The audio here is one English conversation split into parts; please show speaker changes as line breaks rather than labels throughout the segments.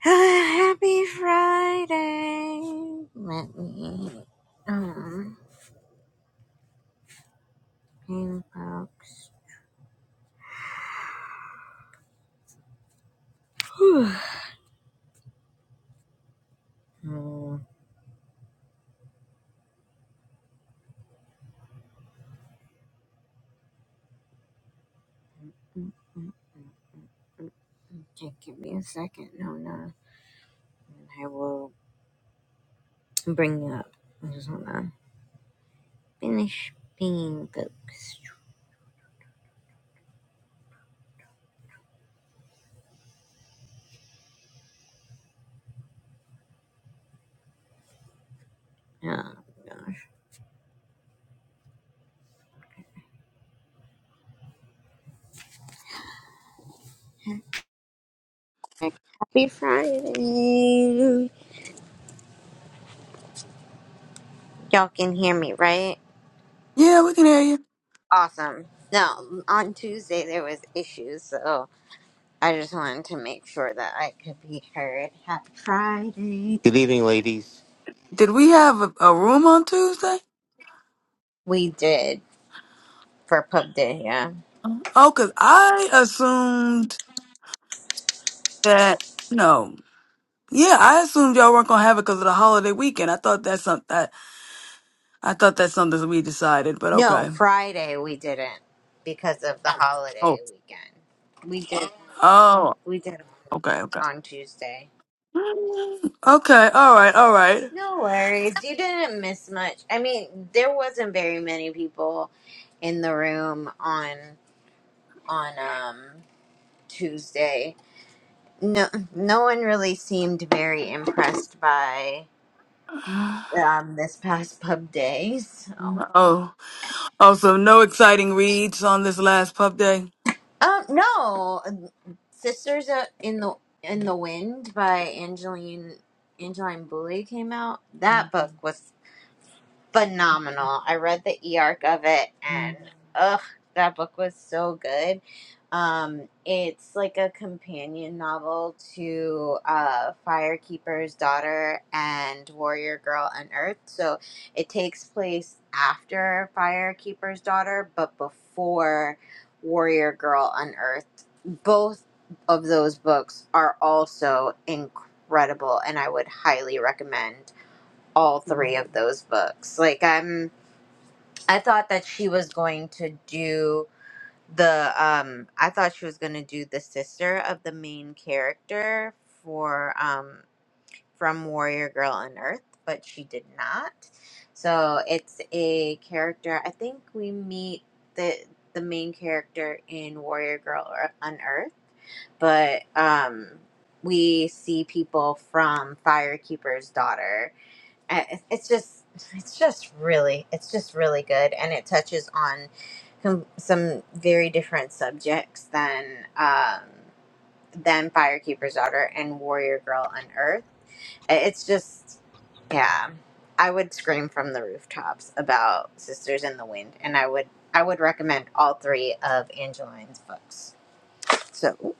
Happy Friday. Let me um ping folks. Whew. Mm, mm, mm, mm. Okay, give me a second. No, no. I will bring up. I just wanna finish being folks. Oh gosh. Happy Friday. Y'all can hear me, right?
Yeah, we can hear you.
Awesome. No, on Tuesday there was issues, so I just wanted to make sure that I could be heard. Happy Friday.
Good evening, ladies.
Did we have a, a room on Tuesday?
We did for Pub Day, yeah.
Oh, because I assumed that, no. Yeah, I assumed y'all weren't going to have it because of the holiday weekend. I thought that's something, I, I thought that's something that we decided, but
No,
okay.
Friday we didn't because of the
Oh,
holiday weekend. We did
oh,
we did
okay, okay.
on Tuesday.
Mm, Okay, all right, all right.
No worries. You didn't miss much. I mean, there wasn't very many people in the room on on um Tuesday. No no one really seemed very impressed by um, this past pub day. So,
Oh, oh, so no exciting reads on this last pub day?
um, no, um, Sisters uh, in the in the Wind by Angeline Angeline Booley came out. That book was phenomenal. I read the e arc of it, and ugh, that book was so good. Um, it's like a companion novel to uh, Firekeeper's Daughter and Warrior Girl Unearthed. So it takes place after Firekeeper's Daughter, but before Warrior Girl Unearthed. Both of those books are also incredible, and I would highly recommend all three of those books. Like, I'm I thought that she was going to do the um I thought she was going to do the sister of the main character for um from Warrior Girl on Earth, but she did not. So it's a character I think we meet the the main character in Warrior Girl or- on Earth, but um we see people from Firekeeper's daughter I- it's just it's just really it's just really good and it touches on com- some very different subjects than um than firekeeper's daughter and warrior girl unearthed I- it's just yeah i would scream from the rooftops about sisters in the wind and i would i would recommend all three of angeline's books so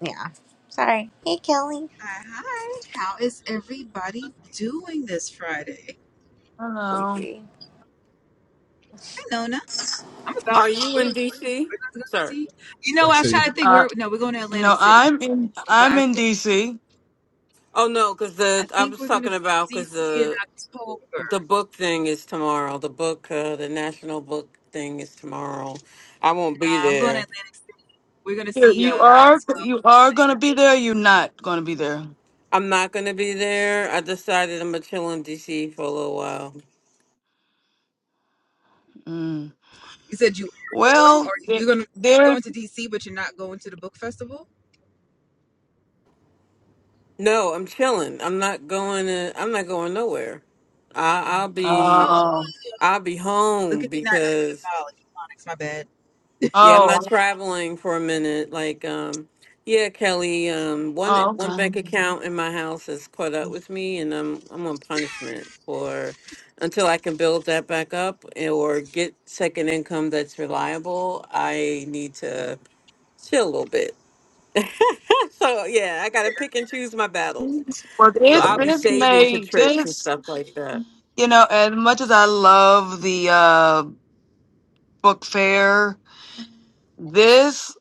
yeah sorry hey kelly
Hi, hi. How is everybody doing this Friday?
Hello.
sleepy
Hi, Nona. I'm about
Are you
where are
in
we going?
DC,
We're going to
sir?
see. You know, I was trying to think.
Uh,
We're no, we're going to Atlantic
no,
City,
I'm in,
but I
I'm in
will.
DC.
Oh no, because
I
the I
think
was
we're going to
talking
be
about
in
because
DC in
the the
October.
book thing is tomorrow. The book, uh, the national book thing is tomorrow. I won't
No,
be
I'm going to
there.
Atlantic City. We're going to
You're,
see
you
uh,
are
Maxwell
you are
tonight.
gonna be there. You're not gonna be there.
I'm not gonna be there. I decided I'm gonna chill in DC for a little while.
Mm.
You said you were going, or
Well, there-
you're going to
there's
going to DC, but you're not going to the book festival.
No, I'm chilling. I'm not going. To, I'm not going nowhere. I, I'll
Oh,
be
oh
um.
I'll be
look
home
at me not knowing
because
about electronics. My bad.
Yeah, I'm
Oh,
not traveling for a minute. Like, um, yeah, Kelly, um, one
oh,
one
okay.
bank account in my house has caught up with me, and I'm I'm on punishment for until I can build that back up and- or get second income that's reliable. I need to chill a little bit. So yeah, I gotta pick and choose my battles.
Well,
So
this
I'll be
this
saving for
may
trips and
this
stuff like that.
you know as much as I love the uh book fair, this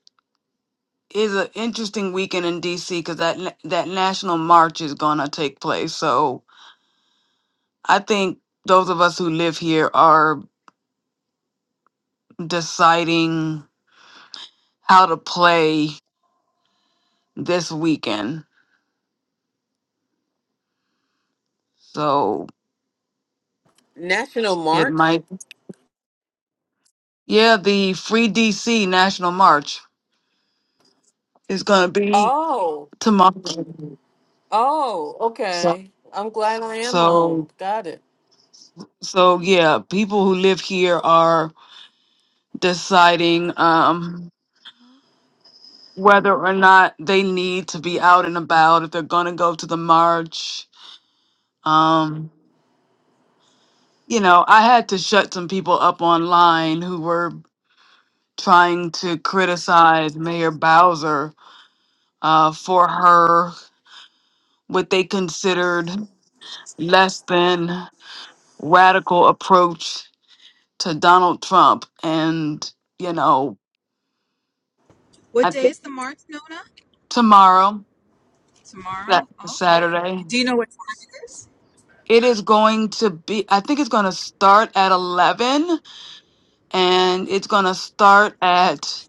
is an interesting weekend in DC because that na- that national march is gonna take place. So I think those of us who live here are deciding how to play this weekend. So
National
it
March.
might, yeah, the Free DC National March is going to be
Oh,
tomorrow.
oh,
So,
okay. I'm glad I am home.
so,
Got it.
so yeah, people who live here are deciding um, whether or not they need to be out and about, if they're going to go to the march. Um, you know, I had to shut some people up online who were trying to criticize Mayor Bowser uh, for her what they considered less than radical approach to Donald Trump. And, you know,
What
I
day
think
is the March, Nona?
tomorrow,
Tomorrow.
that
Okay.
Saturday,
Do you know what it is?
it is going to be, I think it's going to start at 11 and it's going to start at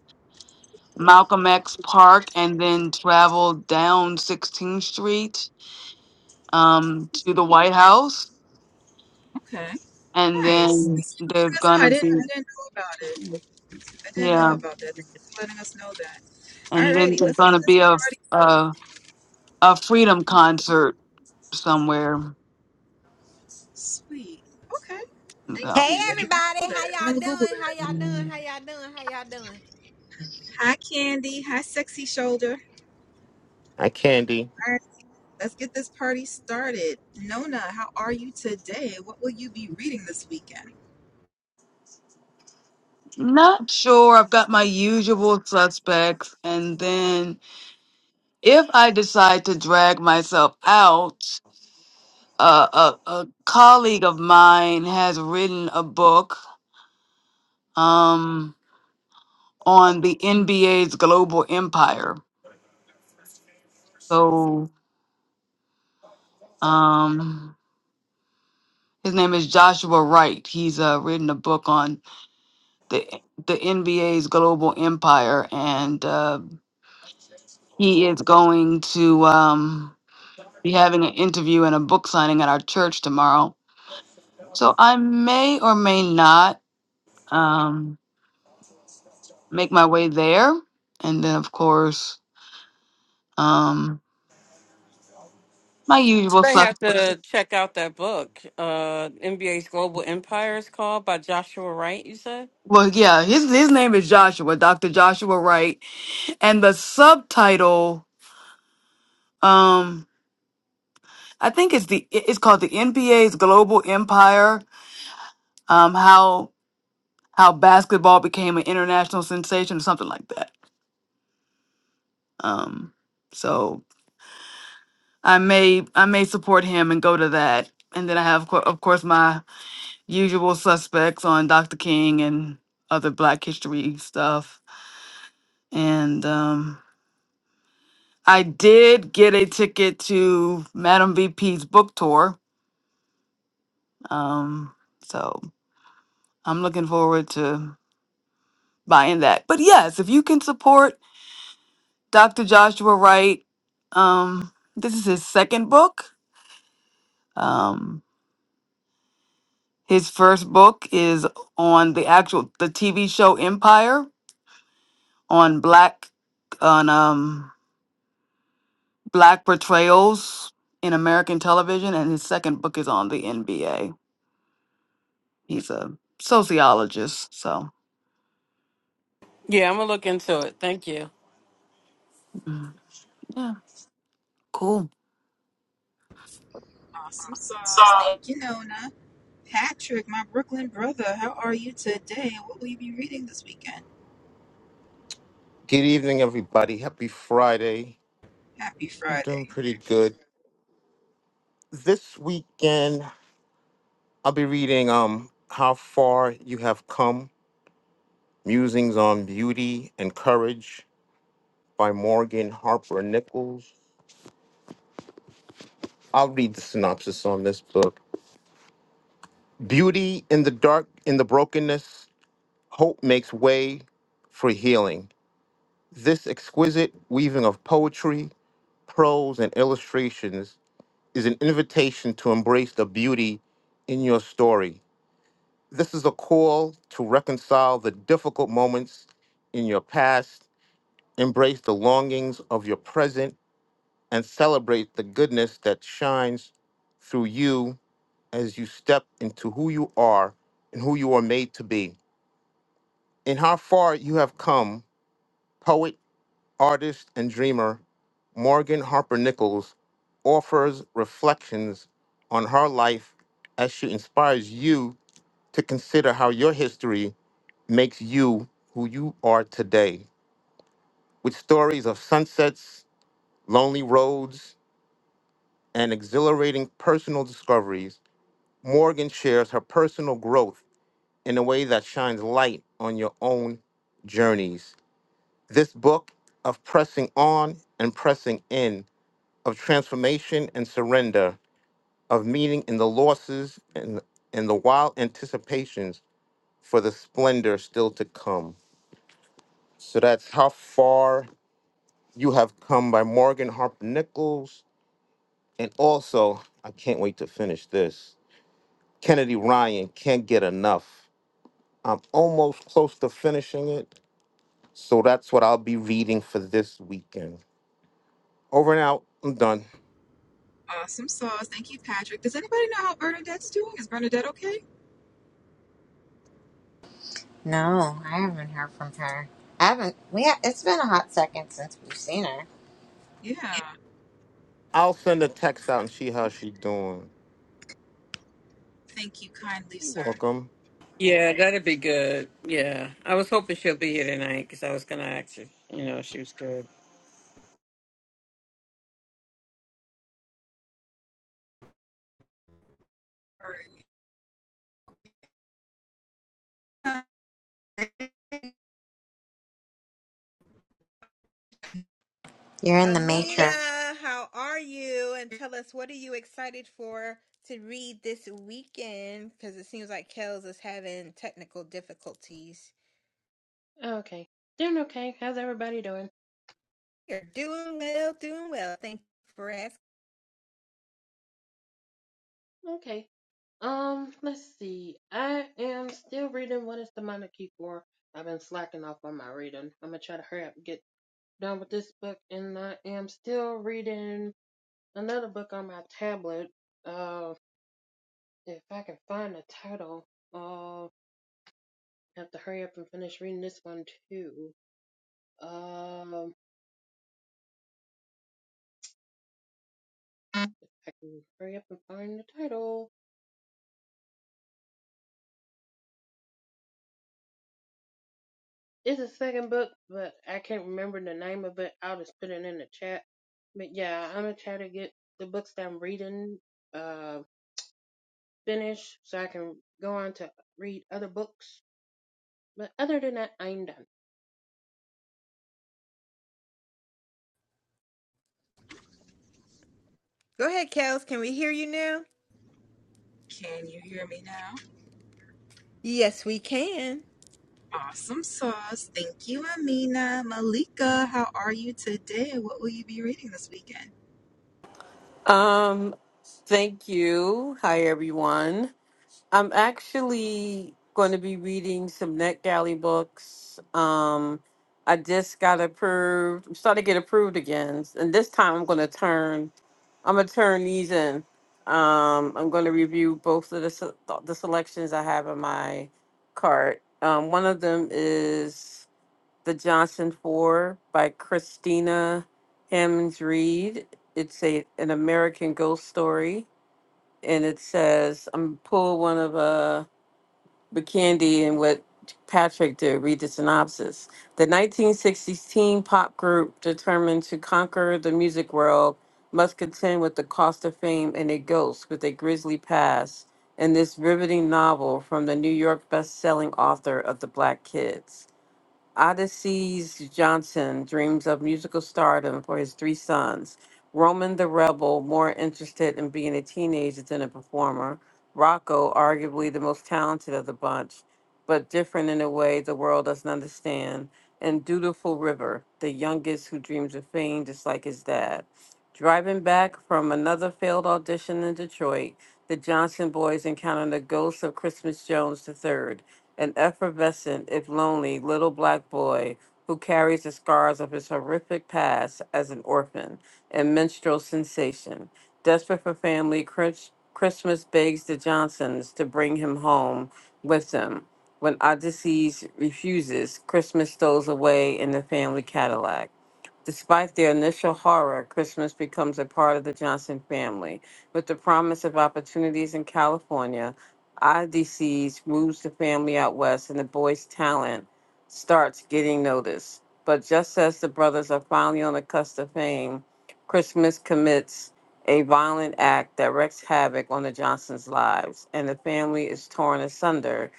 Malcolm X Park and then travel down 16th Street um, to the White House.
Okay.
And
Nice.
then
Thank for
there's
letting us
going
know. I
to
didn't I
be,
didn't know about it. I didn't know
yeah.
about that. Thank you for letting us know that.
and then
Alrighty,
there's
let's get
going to
this
be a
party.
a, a freedom concert somewhere
Sweet. Okay. Thank
Hey
else.
you. I did not know
everybody, how
that. I'm
y'all
gonna Google
doing?
it.
How y'all doing? How y'all doing? How y'all doing?
Hi Candy. Hi Sexy Shoulder.
Hi, Candy.
Alright, let's get this party started. Nona, how are you today? What will you be reading this weekend?
Not sure. I've got my usual suspects, and then if I decide to drag myself out, uh, a a colleague of mine has written a book um on the NBA's global empire. So um his name is Joshua Wright. He's uh, written a book on the the NBA's global empire, and uh, he is going to um, be having an interview and a book signing at our church tomorrow. So I may or may not um, make my way there, and then of course um, my usual
I
sus.
have to check out that book. Uh, NBA's Global Empire is called by Joshua Wright. You said?
Well, yeah, his his name is Joshua, Doctor Joshua Wright, and the subtitle. Um, I think it's the it's called the NBA's global empire. Um, how how basketball became an international sensation or something like that. Um, so I may I may support him and go to that. And then I have, co- of course, my usual suspects on Dr. King and other Black History stuff. And um, I did get a ticket to Madam VP's book tour. Um, so I'm looking forward to buying that. But yes, if you can support Dr. Joshua Wright, um, this is his second book Um, his first book is on the actual the TV show Empire on black on um black portrayals in American television, and his second book is on the NBA. He's a sociologist, so
Yeah, I'm gonna look into it. Thank you.
mm, yeah, cool.
Awesome sauce. Thank you, Nona. Patrick, my Brooklyn brother, how are you today? What will you be reading this weekend?
Good evening, everybody. Happy Friday.
Happy
I'm
Friday.
doing pretty good. This weekend, I'll be reading um, How Far You Have Come Musings on Beauty and Courage by Morgan Harper Nichols. I'll read the synopsis on this book. Beauty in the dark, in the brokenness, hope makes way for healing. This exquisite weaving of poetry, prose, and illustrations is an invitation to embrace the beauty in your story. This is a call to reconcile the difficult moments in your past, embrace the longings of your present, and celebrate the goodness that shines through you as you step into who you are and who you are made to be. In how far you have come, poet artist and dreamer Morgan Harper Nichols offers reflections on her life as she inspires you to consider how your history makes you who you are today. With stories of sunsets, lonely roads, and exhilarating personal discoveries, Morgan shares her personal growth in a way that shines light on your own journeys. This book of pressing on and pressing in of transformation and surrender, of meaning in the losses and, in the wild anticipations for the splendor still to come. So that's How Far You Have Come by Morgan Harper Nichols. And also, I can't wait to finish this. Kennedy Ryan can't get enough. I'm almost close to finishing it. So that's what I'll be reading for this weekend. Over and out. I'm done.
Awesome sauce. Thank you, Patrick. Does anybody know how Bernadette's doing? Is Bernadette okay?
No, I haven't heard from her. I haven't. We ha- it's been a hot second since we've seen her.
Yeah.
I'll send a text out and see how
Okay.
she doing.
Thank you kindly,
You're
sir.
welcome.
Yeah, that'd be good. Yeah, I was hoping she'll be here tonight because I was gonna ask her. You know, if she was good.
You're in the matrix.
Amina, how are you? And tell us what are you excited for to read this weekend? Because it seems like Kels is having technical difficulties.
Okay. Doing okay. How's everybody doing?
You're doing well, doing well. Thank you for asking.
Okay. Um, let's see. I am still reading What is the Monarchy Key for? I've been slacking off on my reading. I'm gonna try to hurry up and get done with this book, and I am still reading another book on my tablet. Uh, if I can find the title, uh, I have to hurry up and finish reading this one too. Um, uh, if I can hurry up and find the title. It's a second book, but I can't remember the name of it. I'll just put it in the chat. But yeah, I'm gonna try to get the books that I'm reading uh finished so I can go on to read other books. But other than that, I'm done.
Go ahead, Kels. Can we hear you now?
Can you hear me now?
Yes, we can.
Awesome sauce. Thank you, Amina. Malika, how are you today? What will you be reading this weekend?
Um, thank you. Hi, everyone. I'm actually going to be reading some NetGalley books. Um, I just got approved. I'm starting to get approved again, and this time I'm going to turn. I'm going to turn these in. Um, I'm going to review both of the se- the selections I have in my cart. Um, one of them is The Johnson Four by Christina Hemmings Reed. It's a an American ghost story, and it says I'm gonna pull one of uh, Candy and what Patrick did, read the synopsis. The 1960s teen pop group, determined to conquer the music world, must contend with the cost of fame and a ghost with a grisly past in this riveting novel from the New York best-selling author of The Black Kids. Odysseus Johnson dreams of musical stardom for his three sons. Roman the Rebel, more interested in being a teenager than a performer. Rocco, arguably the most talented of the bunch, but different in a way the world doesn't understand. And Dutiful River, the youngest who dreams of fame just like his dad. Driving back from another failed audition in Detroit, the Johnson boys encounter the ghost of Christmas Jones the third an effervescent, if lonely, little black boy who carries the scars of his horrific past as an orphan and minstrel sensation. Desperate for family, Chris- Christmas begs the Johnsons to bring him home with them. When Odysseus refuses, Christmas stows away in the family Cadillac. Despite their initial horror, Christmas becomes a part of the Johnson family. With the promise of opportunities in California, IDCs moves the family out west, and the boy's talent starts getting noticed. But just as the brothers are finally on the cusp of fame, Christmas commits a violent act that wreaks havoc on the Johnsons' lives, and the family is torn asunder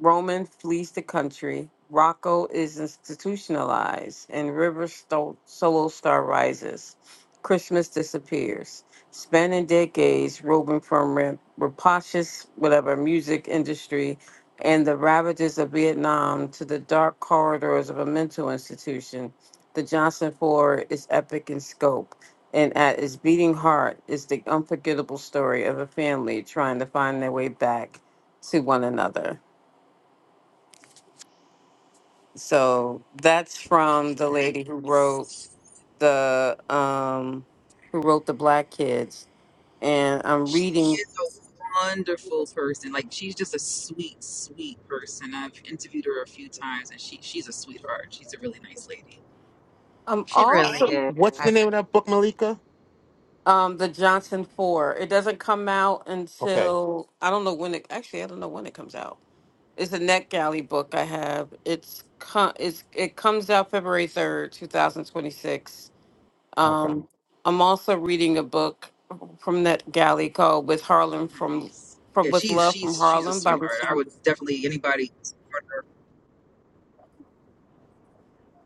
Roman flees the country. Rocco is institutionalized, and River Sto- Solo Star rises. Christmas disappears, spanning decades, roving from rap- rapacious whatever music industry and the ravages of Vietnam to the dark corridors of a mental institution. The Johnson Four is epic in scope, and at its beating heart is the unforgettable story of a family trying to find their way back to one another. So that's from the lady who
Nice.
wrote the um who wrote the Black Kids. And I'm
She
reading
is a wonderful person. Like she's just a sweet, sweet person. I've interviewed her a few times, and she she's a sweetheart. She's a really nice lady.
I'm
She really did.
also
What's
I
the name of that book, Malika?
um the Johnson Four. It doesn't come out
Okay.
until I don't know when it actually I don't know when it comes out. It's a NetGalley book I have. It's co- it's it comes out February 3rd, 2026.
Okay.
Um I'm also reading a book from NetGalley called With Harlem from
Nice.
from
Yeah,
With
she's
Love from
she's she's a
Harlem by
sweetheart. I
Rashawn
would definitely anybody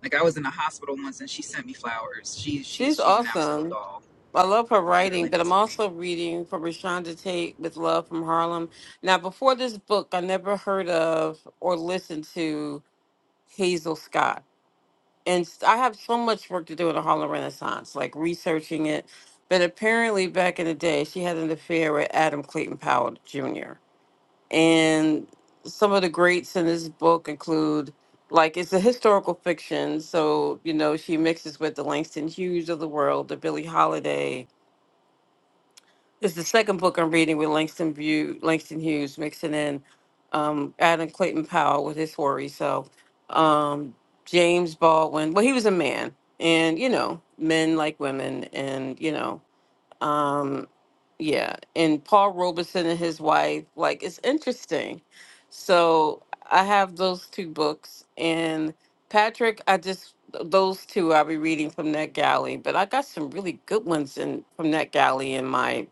like I was in a hospital once and she sent me flowers. She's she's
She's
she's an absolute
awesome.
doll.
I love her
She's a
writing,
really
but I'm
nice lady.
also reading from Rashonda Tate with Love from Harlem. Now, before this book, I never heard of or listened to Hazel Scott. And s- I have so much work to do in the Harlem Renaissance, like researching it. But apparently, back in the day, she had an affair with Adam Clayton Powell Jr. And some of the greats in this book include, like, it's a historical fiction. So, you know, she mixes with the Langston Hughes of the world, the Billie Holiday. It's the second book I'm reading with Langston, View, Langston Hughes, mixing in um, Adam Clayton Powell with his story. So, um, James Baldwin, well, he was a man. And, you know, men like women. And, you know, um, yeah, and Paul Robeson and his wife. Like, it's interesting. So I have those two books, and Patrick, I just those two I'll be reading from NetGalley. But I got some really good ones in from NetGalley in my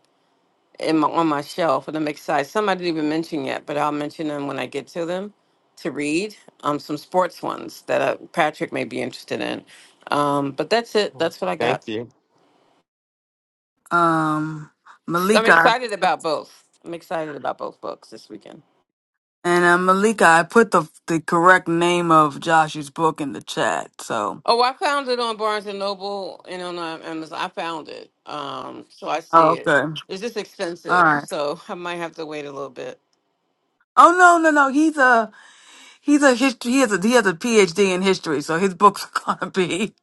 in my on my shelf, and I'm excited. Some I didn't even mention yet, but I'll mention them when I get to them to read. Um, some sports ones that uh, Patrick may be interested in. Um, but that's it. That's what I got.
Thank you.
Um,
Ex- I'm
Malika
excited about both. I'm excited about both books this weekend.
and uh, Malika, I put the the correct name of Josh's book in the chat, so.
Oh, I found it on Barnes and Noble and on uh, Amazon. I found it, um, so I see
Oh,
it.
okay.
It's just
All
expensive,
right.
so I might have to wait a little bit.
Oh no, no, no. He's a He's a history. He has a he has a PhD in history, so his books are gonna be.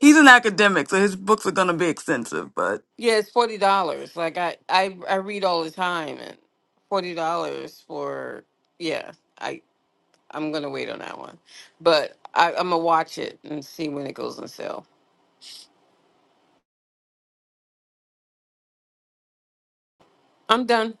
He's an academic, so his books are gonna be extensive. But
Yeah, it's forty dollars. Like I, I, I read all the time, and forty dollars for yeah. I I'm gonna wait on that one, but I, I'm gonna watch it and see when it goes on sale. I'm done.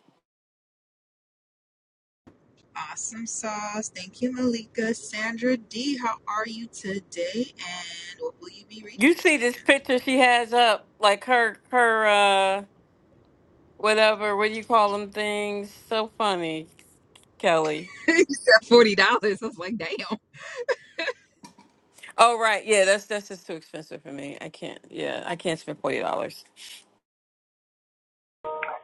Awesome sauce. Thank you, Malika. Sandra D, how are you today? And what will you be reading
You
this
see this
weekend?
picture she has up, like her her. uh, whatever what do you call them things so funny kelly
you said forty dollars. I was like, damn.
oh right yeah that's that's just too expensive for me i can't yeah i can't spend forty dollars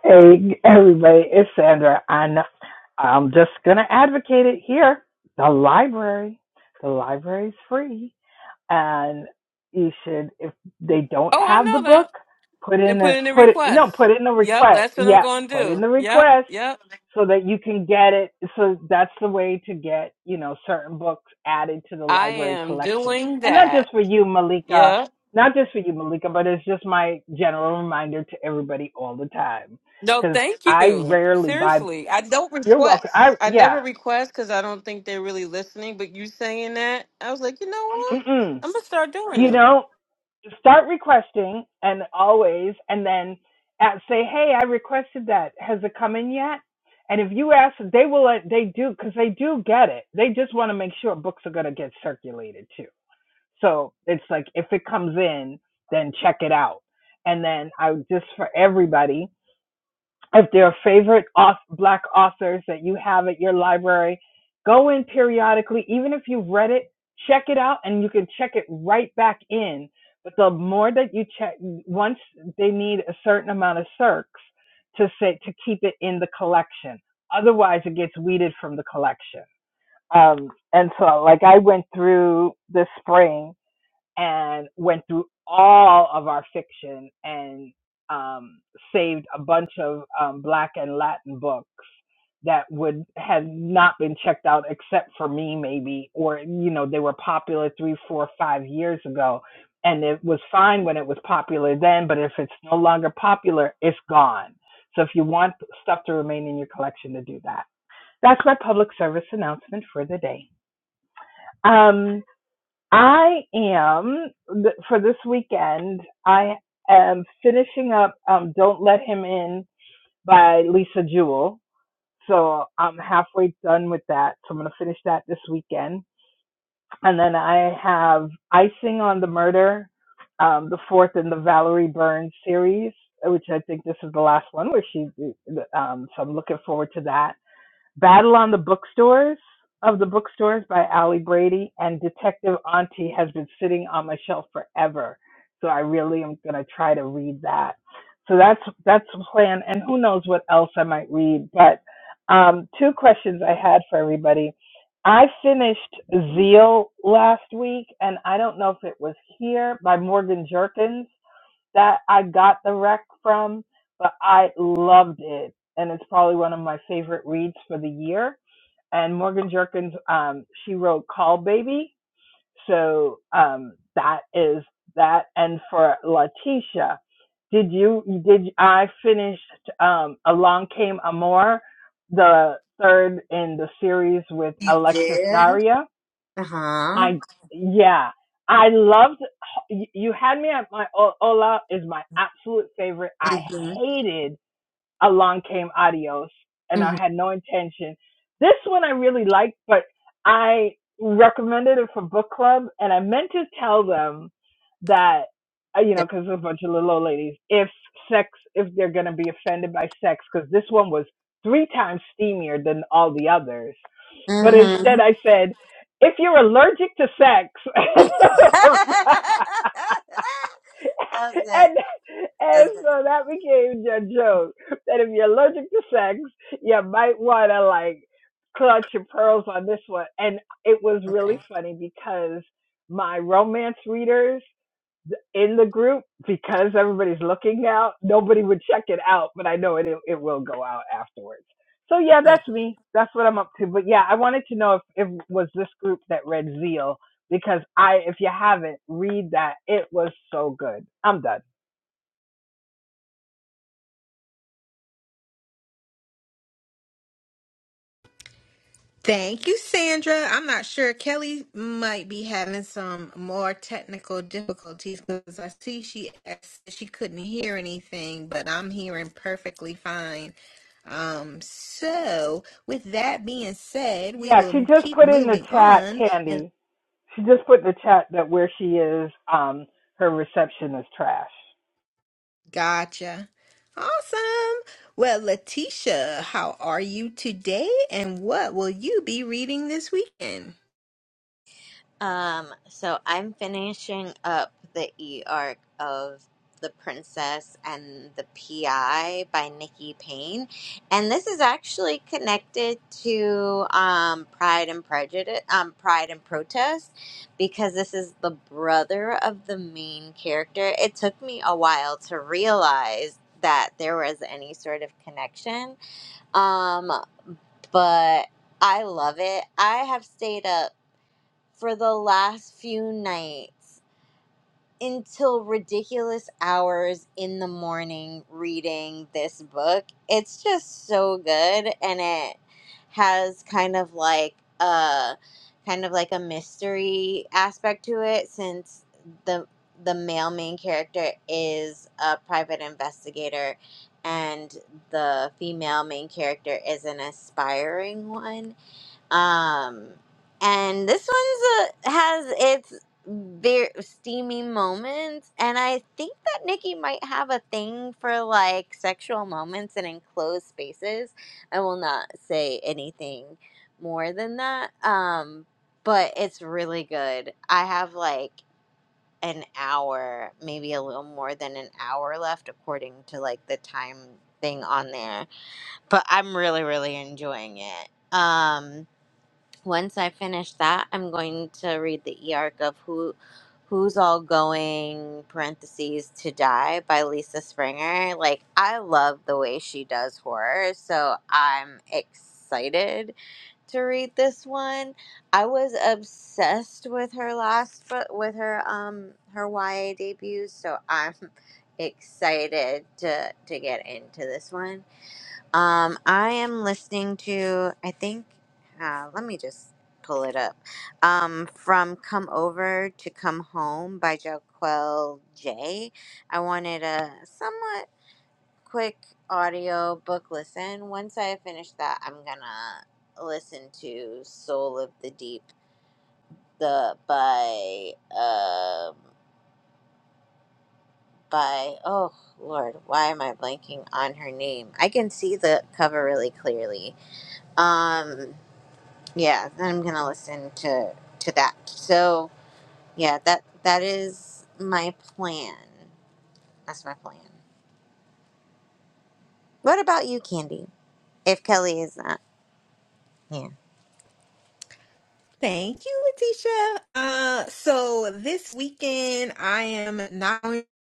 Hey, everybody, it's Sandra. And I'm just going to advocate it here. The library. The library's free and you should if they don't
oh i
have the
know
book
that
put
and
in
put
a
in a
put it you
request
know, put in a
yep
request
that's what i'm
yeah
gonna
put in
do
the
yep
request
yep
so that you can get it so that's the way to get you know certain books added to the
i
library
am
collection
doing
and not
that
just for you malika
yep
not just for you malika but it's just my general reminder to everybody all the time
no
because
thank
i
you
rarely buy
seriously i don't
you're
request
welcome i
i
yeah
never request because i don't think they're really listening but you saying that i was like you know what
mm-mm.
i'm gonna start doing
you
it
know start requesting and always and then at, say hey i requested that has it come in yet and if you ask they will let they do because they do get it they just want to make sure books are going to get circulated too so it's like if it comes in then check it out and then i would just for everybody if there are favorite auth- black authors that you have at your library go in periodically even if you've read it check it out and you can check it right back in but the more that you check once they need a certain amount of circs to say to keep it in the collection otherwise it gets weeded from the collection um, and so like i went through this spring and went through all of our fiction and um, saved a bunch of um, Black and Latin books that would have not been checked out except for me, maybe, or you know, they were popular three, four, five years ago, and it was fine when it was popular then, but if it's no longer popular, it's gone. So if you want stuff to remain in your collection, to do that. That's my public service announcement for the day. Um, I am th- for this weekend. I am finishing up um, "Don't Let Him In" by Lisa Jewell. So I'm halfway done with that. So I'm gonna finish that this weekend, and then I have "Icing on the Murder," um, the fourth in the Valerie Burns series, which I think this is the last one where she. Um, so I'm looking forward to that. Battle on the Bookstores of the Bookstores by Ally Brady and Detective Auntie has been sitting on my shelf forever. So I really am gonna try to read that. So that's that's the plan and who knows what else I might read. But um two questions I had for everybody. I finished Zeal last week and I don't know if it was here by Morgan Jerkins that I got the rec from, but I loved it. And it's probably one of my favorite reads for the year. And Morgan Jerkins, um, she wrote Call Baby. So um, that is that. And for Letitia, did you, did I finished um, Along Came Amor, the third in the series with
you
Alexis
did.
Daria?
Uh huh.
I yeah, I loved. You had me at my O- Ola is my absolute favorite. I
Mhm.
hated Along Came Adios, and I
Mhm.
had no intention. This one I really liked, but I recommended it for book club, and I meant to tell them that uh, you know because there's a bunch of little old ladies, if sex, if they're gonna be offended by sex, because this one was three times steamier than all the others but instead,
Mhm.
I said, if you're allergic to sex,
that was good.
and
That
and
was
so
good.
that became a joke that if you're allergic to sex, you might want to like clutch your pearls on this one. And it was really
Okay.
funny because my romance readers in the group because everybody's looking out. Nobody would check it out, but I know it it, will go out afterwards. So yeah, that's me. That's what I'm up to. But yeah, I wanted to know if it was this group that read Zeal because I, if you haven't, read that. It was so good. I'm done.
Thank you, Sandra. I'm not sure. Kelly might be having some more technical difficulties because I see she asked if she couldn't hear anything, but I'm hearing perfectly fine. Um, so with that being said, we
Yeah,
will
she
m-
just
keep
put in the
moving
chat,
on. And
Candy. She just put in the chat that where she is, um, her reception is trash.
gotcha. Awesome. Well, Letitia, how are you today? And what will you be reading this weekend?
Um, so I'm finishing up the e arc of The Princess and the PI by Nikki Payne. And this is actually connected to um Pride and Prejudice um Pride and Protest because this is the brother of the main character. It took me a while to realize that there was any sort of connection. Um, but I love it. I have stayed up for the last few nights until ridiculous hours in the morning reading this book. It's just so good and it has kind of like a kind of like a mystery aspect to it since the the male main character is a private investigator and the female main character is an aspiring one um, and this one's a, has its very steamy moments, and I think that Nikki might have a thing for like sexual moments and enclosed spaces. I will not say anything more than that. Um, but it's really good. I have like an hour, maybe a little more than an hour left, according to like the time thing on there. But I'm really, really enjoying it. Um, once I finish that, I'm going to read the e-arc of who who's all going parentheses to die by Lisa Springer. Like I love the way she does horror, so I'm excited to read this one. I was obsessed with her last book with her um her YA debuts, so I'm excited to to get into this one. Um, I am listening to, I think, uh, let me just pull it up. Um, from Come Over to Come Home by Joquel J. I wanted a somewhat quick audio book listen. Once I finish that, I'm gonna listen to Soul of the Deep, the by, um, by, oh Lord, why am I blanking on her name? I can see the cover really clearly. Um, yeah i'm gonna listen to to that so yeah that that is my plan that's my plan what about you candy if kelly is not here,
Thank you, Letitia. Uh, so this weekend I am not going to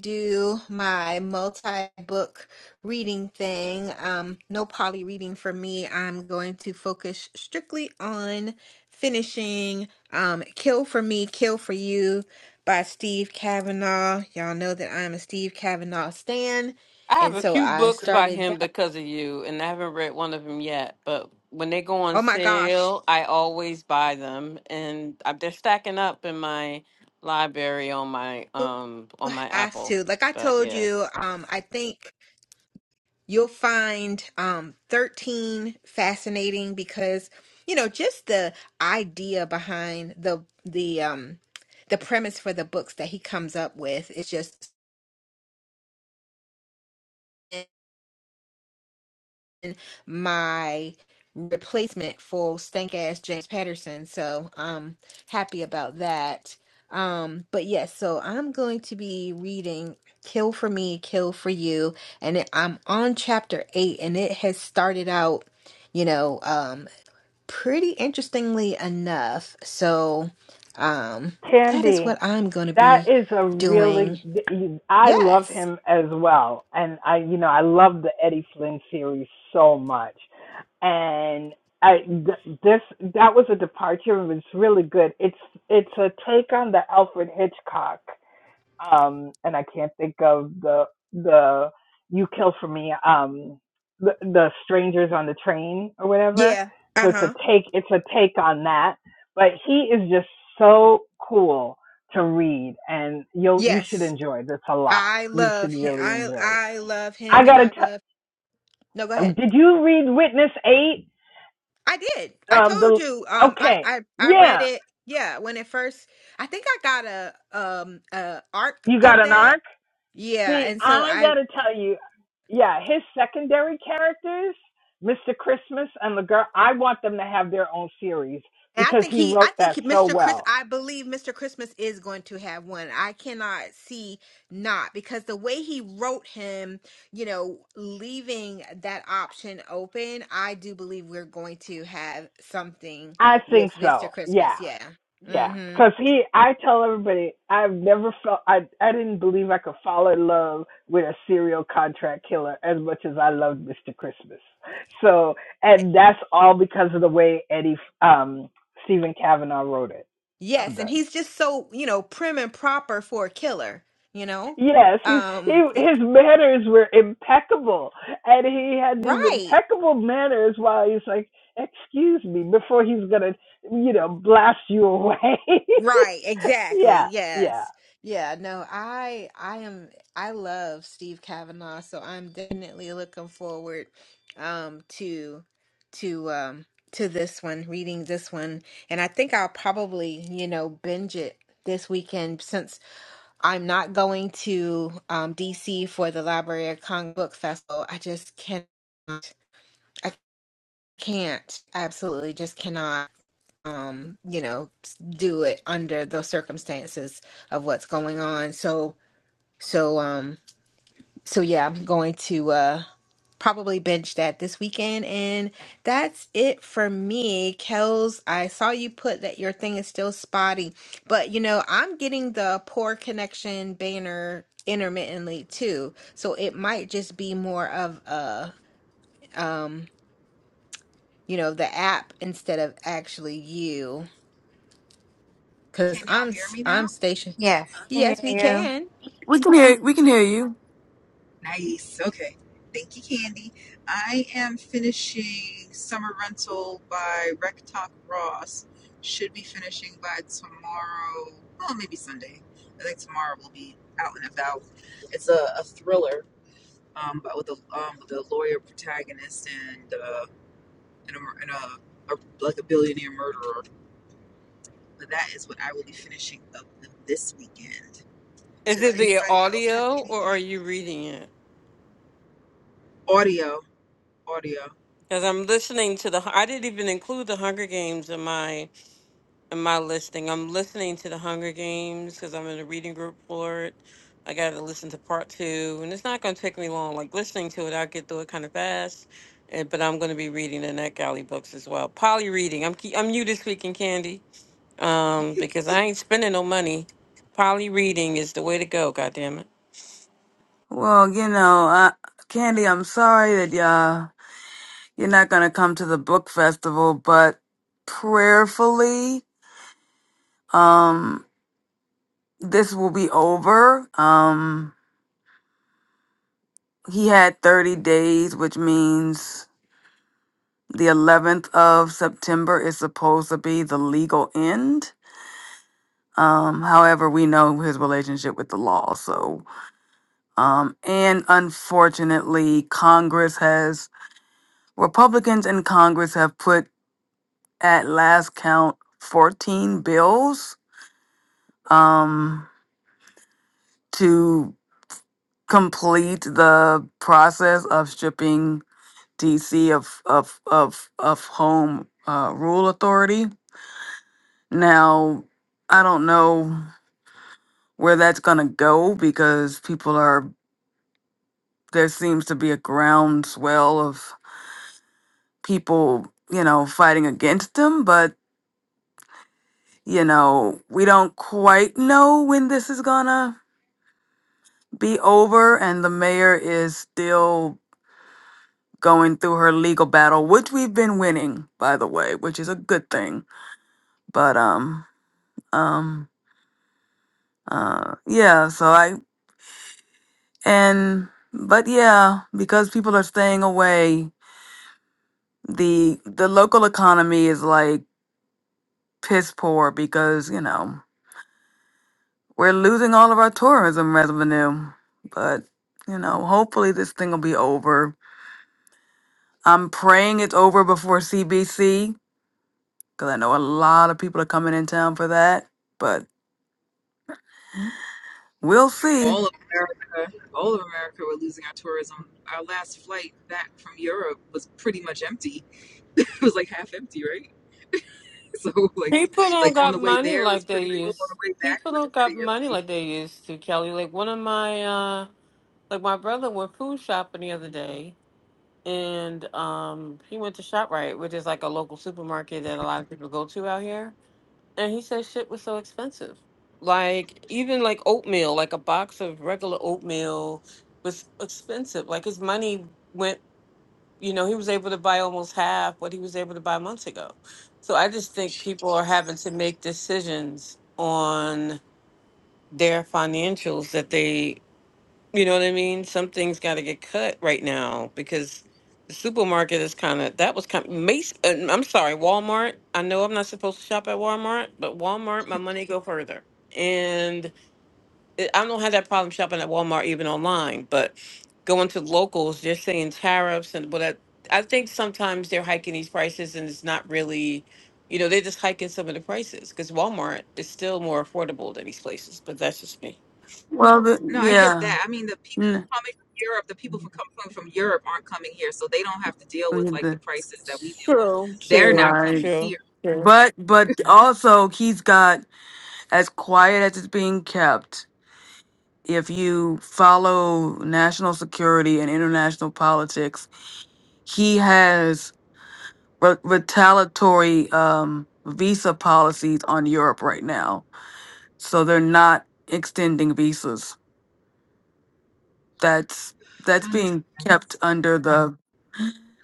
do my multi-book reading thing. Um, no poly reading for me. I'm going to focus strictly on finishing um, "Kill for Me, Kill for You" by Steve Kavanaugh. Y'all know that I'm a Steve Kavanaugh stan,
I have
and
a
so
few
I
books by
started
him
that.
because of you, and I haven't read one of them yet. But when they go on
Oh my gosh,
sale, I always buy them, and I- they're stacking up in my library on my
you
um on my
have
Apple.
to. Like I
But
told
yeah,
you, um, I think. You'll find um, 13 fascinating because, you know, just the idea behind the the um, the premise for the books that he comes up with is just in my replacement for stank ass James Patterson. So I'm happy about that. Um, but yes, so I'm going to be reading Kill for Me, Kill for You, and it, I'm on chapter eight, and it has started out. You know, um, pretty interestingly enough. So, um, that is
Candy.
what I'm going to
That
be
is a really.
doing.
I love
Yes.
him as well, and I, you know, I love the Eddie Flynn series so much, and I th- this that was a departure. It was really good. It's it's a take on the Alfred Hitchcock um and i can't think of the the you kill for me um the, the strangers on the train or whatever
Yeah.
so
Uh
it's a
huh.
take it's a take on that but he is just so cool to read and you you should
Yes.
enjoy this a lot
I
you should
love him.
really
I
enjoy it
I love
i
him, and
gotta
I love. No, go
tell
ahead.
did you read witness eight
I did. I
um
told
the
you. Um, I
okay
I I read
yeah
it. Yeah, when it first, I think I got a um a arc
you got
of
an
that.
arc
Yeah,
See,
and so
I
I
gotta tell you, yeah, his secondary characters, Mr. Christmas and the girl, I want them to have their own series
And I
because
think
he
he, I
wrote
think
that so
Mr. Chris,
well.
I believe Mr. Christmas is going to have one. I cannot see not because the way he wrote him, you know, leaving that option open, I do believe we're going to have something
I think
with
so.
Mr.
Yeah.
Christmas. Yeah.
Yeah.
hmm
Cause he, I tell everybody, I've never felt, I, I didn't believe I could fall in love with a serial contract killer as much as I loved Mr. Christmas. So, and that's all because of the way Eddie, um, Stephen Kavanaugh wrote it. I'm
Yes. And
done.
he's just so, you know, prim and proper for a killer, you know?
Yes, he's he
Um, it-
his manners were impeccable, and he had these
right.
impeccable manners while he's like, "Excuse me," before he's gonna, you know, blast you away.
Right, exactly.
yeah, yeah.
Yes. Yeah, no, I I am I love Steve Kavanaugh, so I'm definitely looking forward um to to um to this one, reading this one. And I think I'll probably, you know, binge it this weekend since I'm not going to um DC for the Library of Congress Book Festival. I just can't I can't. I absolutely just cannot um, you know, do it under the circumstances of what's going on. So, so, um, so yeah, I'm going to uh, probably binge that this weekend, and that's it for me. Kels, I saw you put that your thing is still spotty, but you know, I'm getting the poor connection banner intermittently too, so it might just be more of a, um, you know, the app instead of actually you, because
Can y'all
I'm
hear
s-
me
I'm
now?
stationed.
Yes, I
Yes, we
hear
can.
we can hear we can hear you.
Nice. Okay. Thank you, Candy. I am finishing Summer Rental by Rec Talk Ross. Should be finishing by tomorrow. Well, maybe Sunday. I think tomorrow will be out and about. It's a, a thriller, um, but with a um, with a lawyer protagonist and uh, and, a, mur- and a, a like a billionaire murderer. But that is what I will be finishing up this weekend.
is
Does
it the
anybody else have
audio or
anything?
are
They-
you reading it?
audio, audio.
Because I'm listening to the. I didn't even include the Hunger Games in my my listening? I'm listening to the Hunger Games because I'm in a reading group for it. I got to listen to part two, and it's not going to take me long. Like listening to it, I'll get through it kind of fast. And, but I'm going to be reading the NetGalley books as well. Poly reading. I'm ke- I'm new this week in Candy, um, because I ain't spending no money. Poly reading is the way to go. God damn it.
Well, you know, uh, Candy, I'm sorry that uh, you're not gonna come to the book festival, but prayerfully, um, this will be over. Um, he had 30 days, which means the 11th of September is supposed to be the legal end Um, however, we know his relationship with the law. So, um, and unfortunately, Congress has Republicans in Congress have put at last count 14 bills um, to complete the process of stripping DC of of of of home uh, rule authority. Now, I don't know where that's gonna go because people are there seems to be a groundswell of people, you know, fighting against them, but you know, we don't quite know when this is gonna be over and the mayor is still going through her legal battle, which we've been winning, by the way, which is a good thing. But um um uh yeah, so I and but yeah, because people are staying away, the the local economy is like piss poor because, you know, We're losing all of our tourism revenue, but you know, hopefully this thing will be over. I'm praying it's over before CBC because I know a lot of people are coming in town for that, but we'll see.
all of America, all of America were losing our tourism. Our last flight back from Europe was pretty much empty. It was like half empty, right? So like,
People don't
like on
got
the way
money
there was
like they
pretty full. On
used.
the way back
People
was
don't got
pretty
money
empty.
like they used to, Kelly. Like one of my uh, like my brother went food shopping the other day and um, he went to Shoprite, which is like a local supermarket that a lot of people go to out here. And he said shit was so expensive. Like even like oatmeal, like a box of regular oatmeal was expensive. Like his money went, you know, he was able to buy almost half what he was able to buy months ago. So I just think people are having to make decisions on their financials that they you know what I mean? Something's got to get cut right now because the supermarket is kind of that was kind of Mace. Uh, I'm sorry, Walmart. I know I'm not supposed to shop at Walmart, but Walmart, my money go further. And it, I don't have that problem shopping at Walmart even online, but going to locals, they're saying tariffs and what I, I think sometimes they're hiking these prices and it's not really, you know, they're just hiking some of the prices because Walmart is still more affordable than these places. But that's just me.
Well, the,
No, I get
yeah,
that. I mean, the people
Mm,
coming from Europe, the people from coming from Europe aren't coming here, so they don't have to deal with like the
the-
prices that we deal with.
True,
They're
true,
not
right.
coming
true,
here.
true.
But but also he's got as quiet as it's being kept. If you follow national security and international politics, he has re- retaliatory um, visa policies on Europe right now. So they're not extending visas. That's that's
Fun
being kept
times.
under the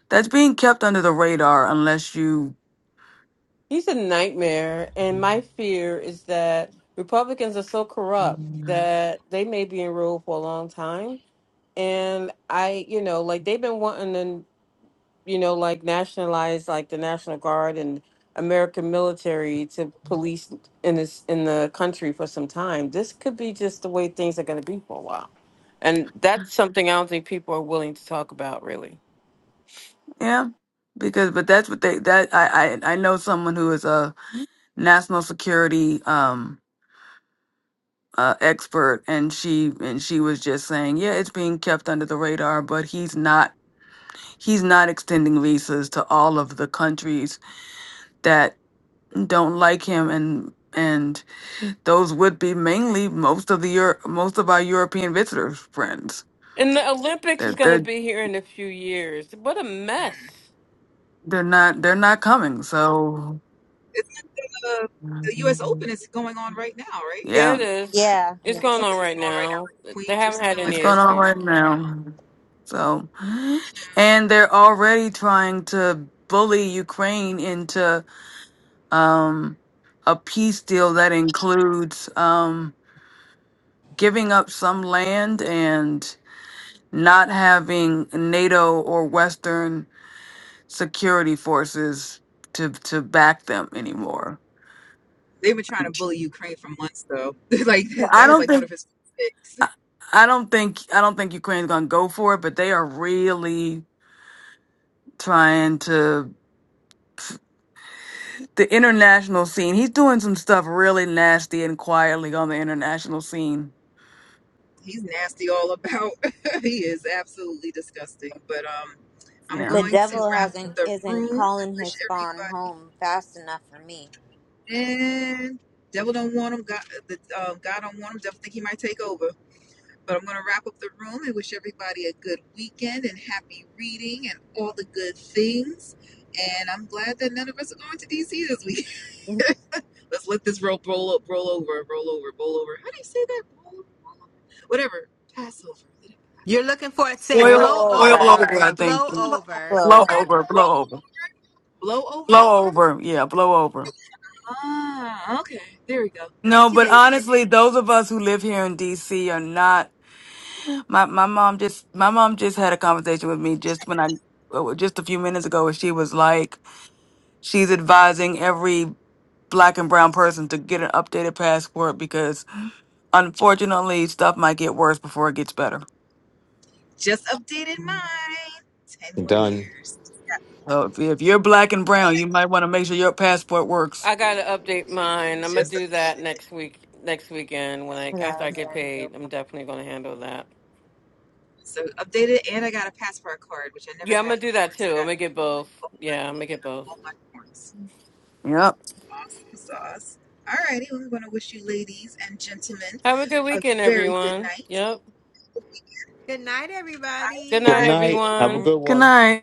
that's being kept under the radar unless you
He's a nightmare, and my fear is that Republicans are so corrupt that they may be in rule for a long time. And I, you know, like they've been wanting to, you know, like nationalize like the National Guard and American military to police in this in the country for some time. This could be just the way things are going to be for a while, and that's something I don't think people are willing to talk about really.
yeah because but that's what they that I I, I know someone who is a national security um uh, expert and she and she was just saying yeah it's being kept under the radar but he's not he's not extending visas to all of the countries that. don't like him and and those would be mainly most of the Euro- most of our European visitors friends.
And the Olympics
They're
is going to
they're
be here in a few years. What a mess.
Mm.
they're not they're not coming. So
It's like the, the U.S. Open is going on right now, right?
Yeah,
yeah,
it
you.
is.
yeah
It's going on
Something's going
right
on right now,
now.
like the
They
Queens or
haven't had
something
any
like
it's
that.
going on
Something's
issues.
going
right
on right now.
now. So
Yeah.
and they're already trying to bully Ukraine into um a peace deal that includes um giving up some land and not having NATO or Western security forces to to back them anymore.
They've been trying to bully Ukraine for months, though. like,
Well,
that
I
that was
don't
like one
think
of his sticks.
I I don't think I don't think Ukraine's going to go for it, but they are really trying to the international scene. He's doing some stuff really nasty and quietly on the international scene.
He's nasty all about. he is absolutely disgusting. But um, I'm
Yeah,
the
going to
devil
wrap
hasn't
up the
isn't
room and
calling his
wish
spawn
everybody
home fast enough for me
and devil don't want him. God, the um, God don't want him. Devil think he might take over. But I'm going to wrap up the room and wish everybody a good weekend and happy reading and all the good things. And I'm glad that none of us are going to DC this week. Let's let this roll, roll up, roll over, roll over, roll over. How do you say that? Roll over, roll over. Whatever. Pass over. Let it pass.
You're looking for it. Say
oil
blow
blow
oil
over
over,
over. I think
blow over.
What's the
blow
blow
over
term?
over,
Roll,
blow over,
blow over.
blow over. Yeah, blow over.
Ah, okay. There we go.
No,
Thank you,
but
ladies.
honestly, those of us who live here in D.C. are not. My my mom just my mom just had a conversation with me just when I uh, just a few minutes ago where she was like she's advising every black and brown person to get an updated passport because unfortunately stuff might get worse before it gets better.
Just updated mine. Ten more
Done.
years.
So if, if you're black and brown, you might want to make sure your passport works.
I got to update mine. I'm going to
Just
do that
updated.
next week, next weekend when I
'Cause I
after I
was
get
gonna do
paid. I'm definitely going to handle that.
So updated, and I got a passport card, which I never
Yeah, I'm going
had
to do that
before.
too.
So I
I'm going to
got
get both. Yeah, I'm going to get both.
All platforms.
Yep.
Awesome sauce. Alrighty, we are going to wish you ladies and gentlemen
Have a good
a
weekend,
very good
everyone.
night.
Yep.
Good night,
Bye
Good
everybody.
Good
night,
everybody.
night. Have a
everyone.
good
Good
one.
night.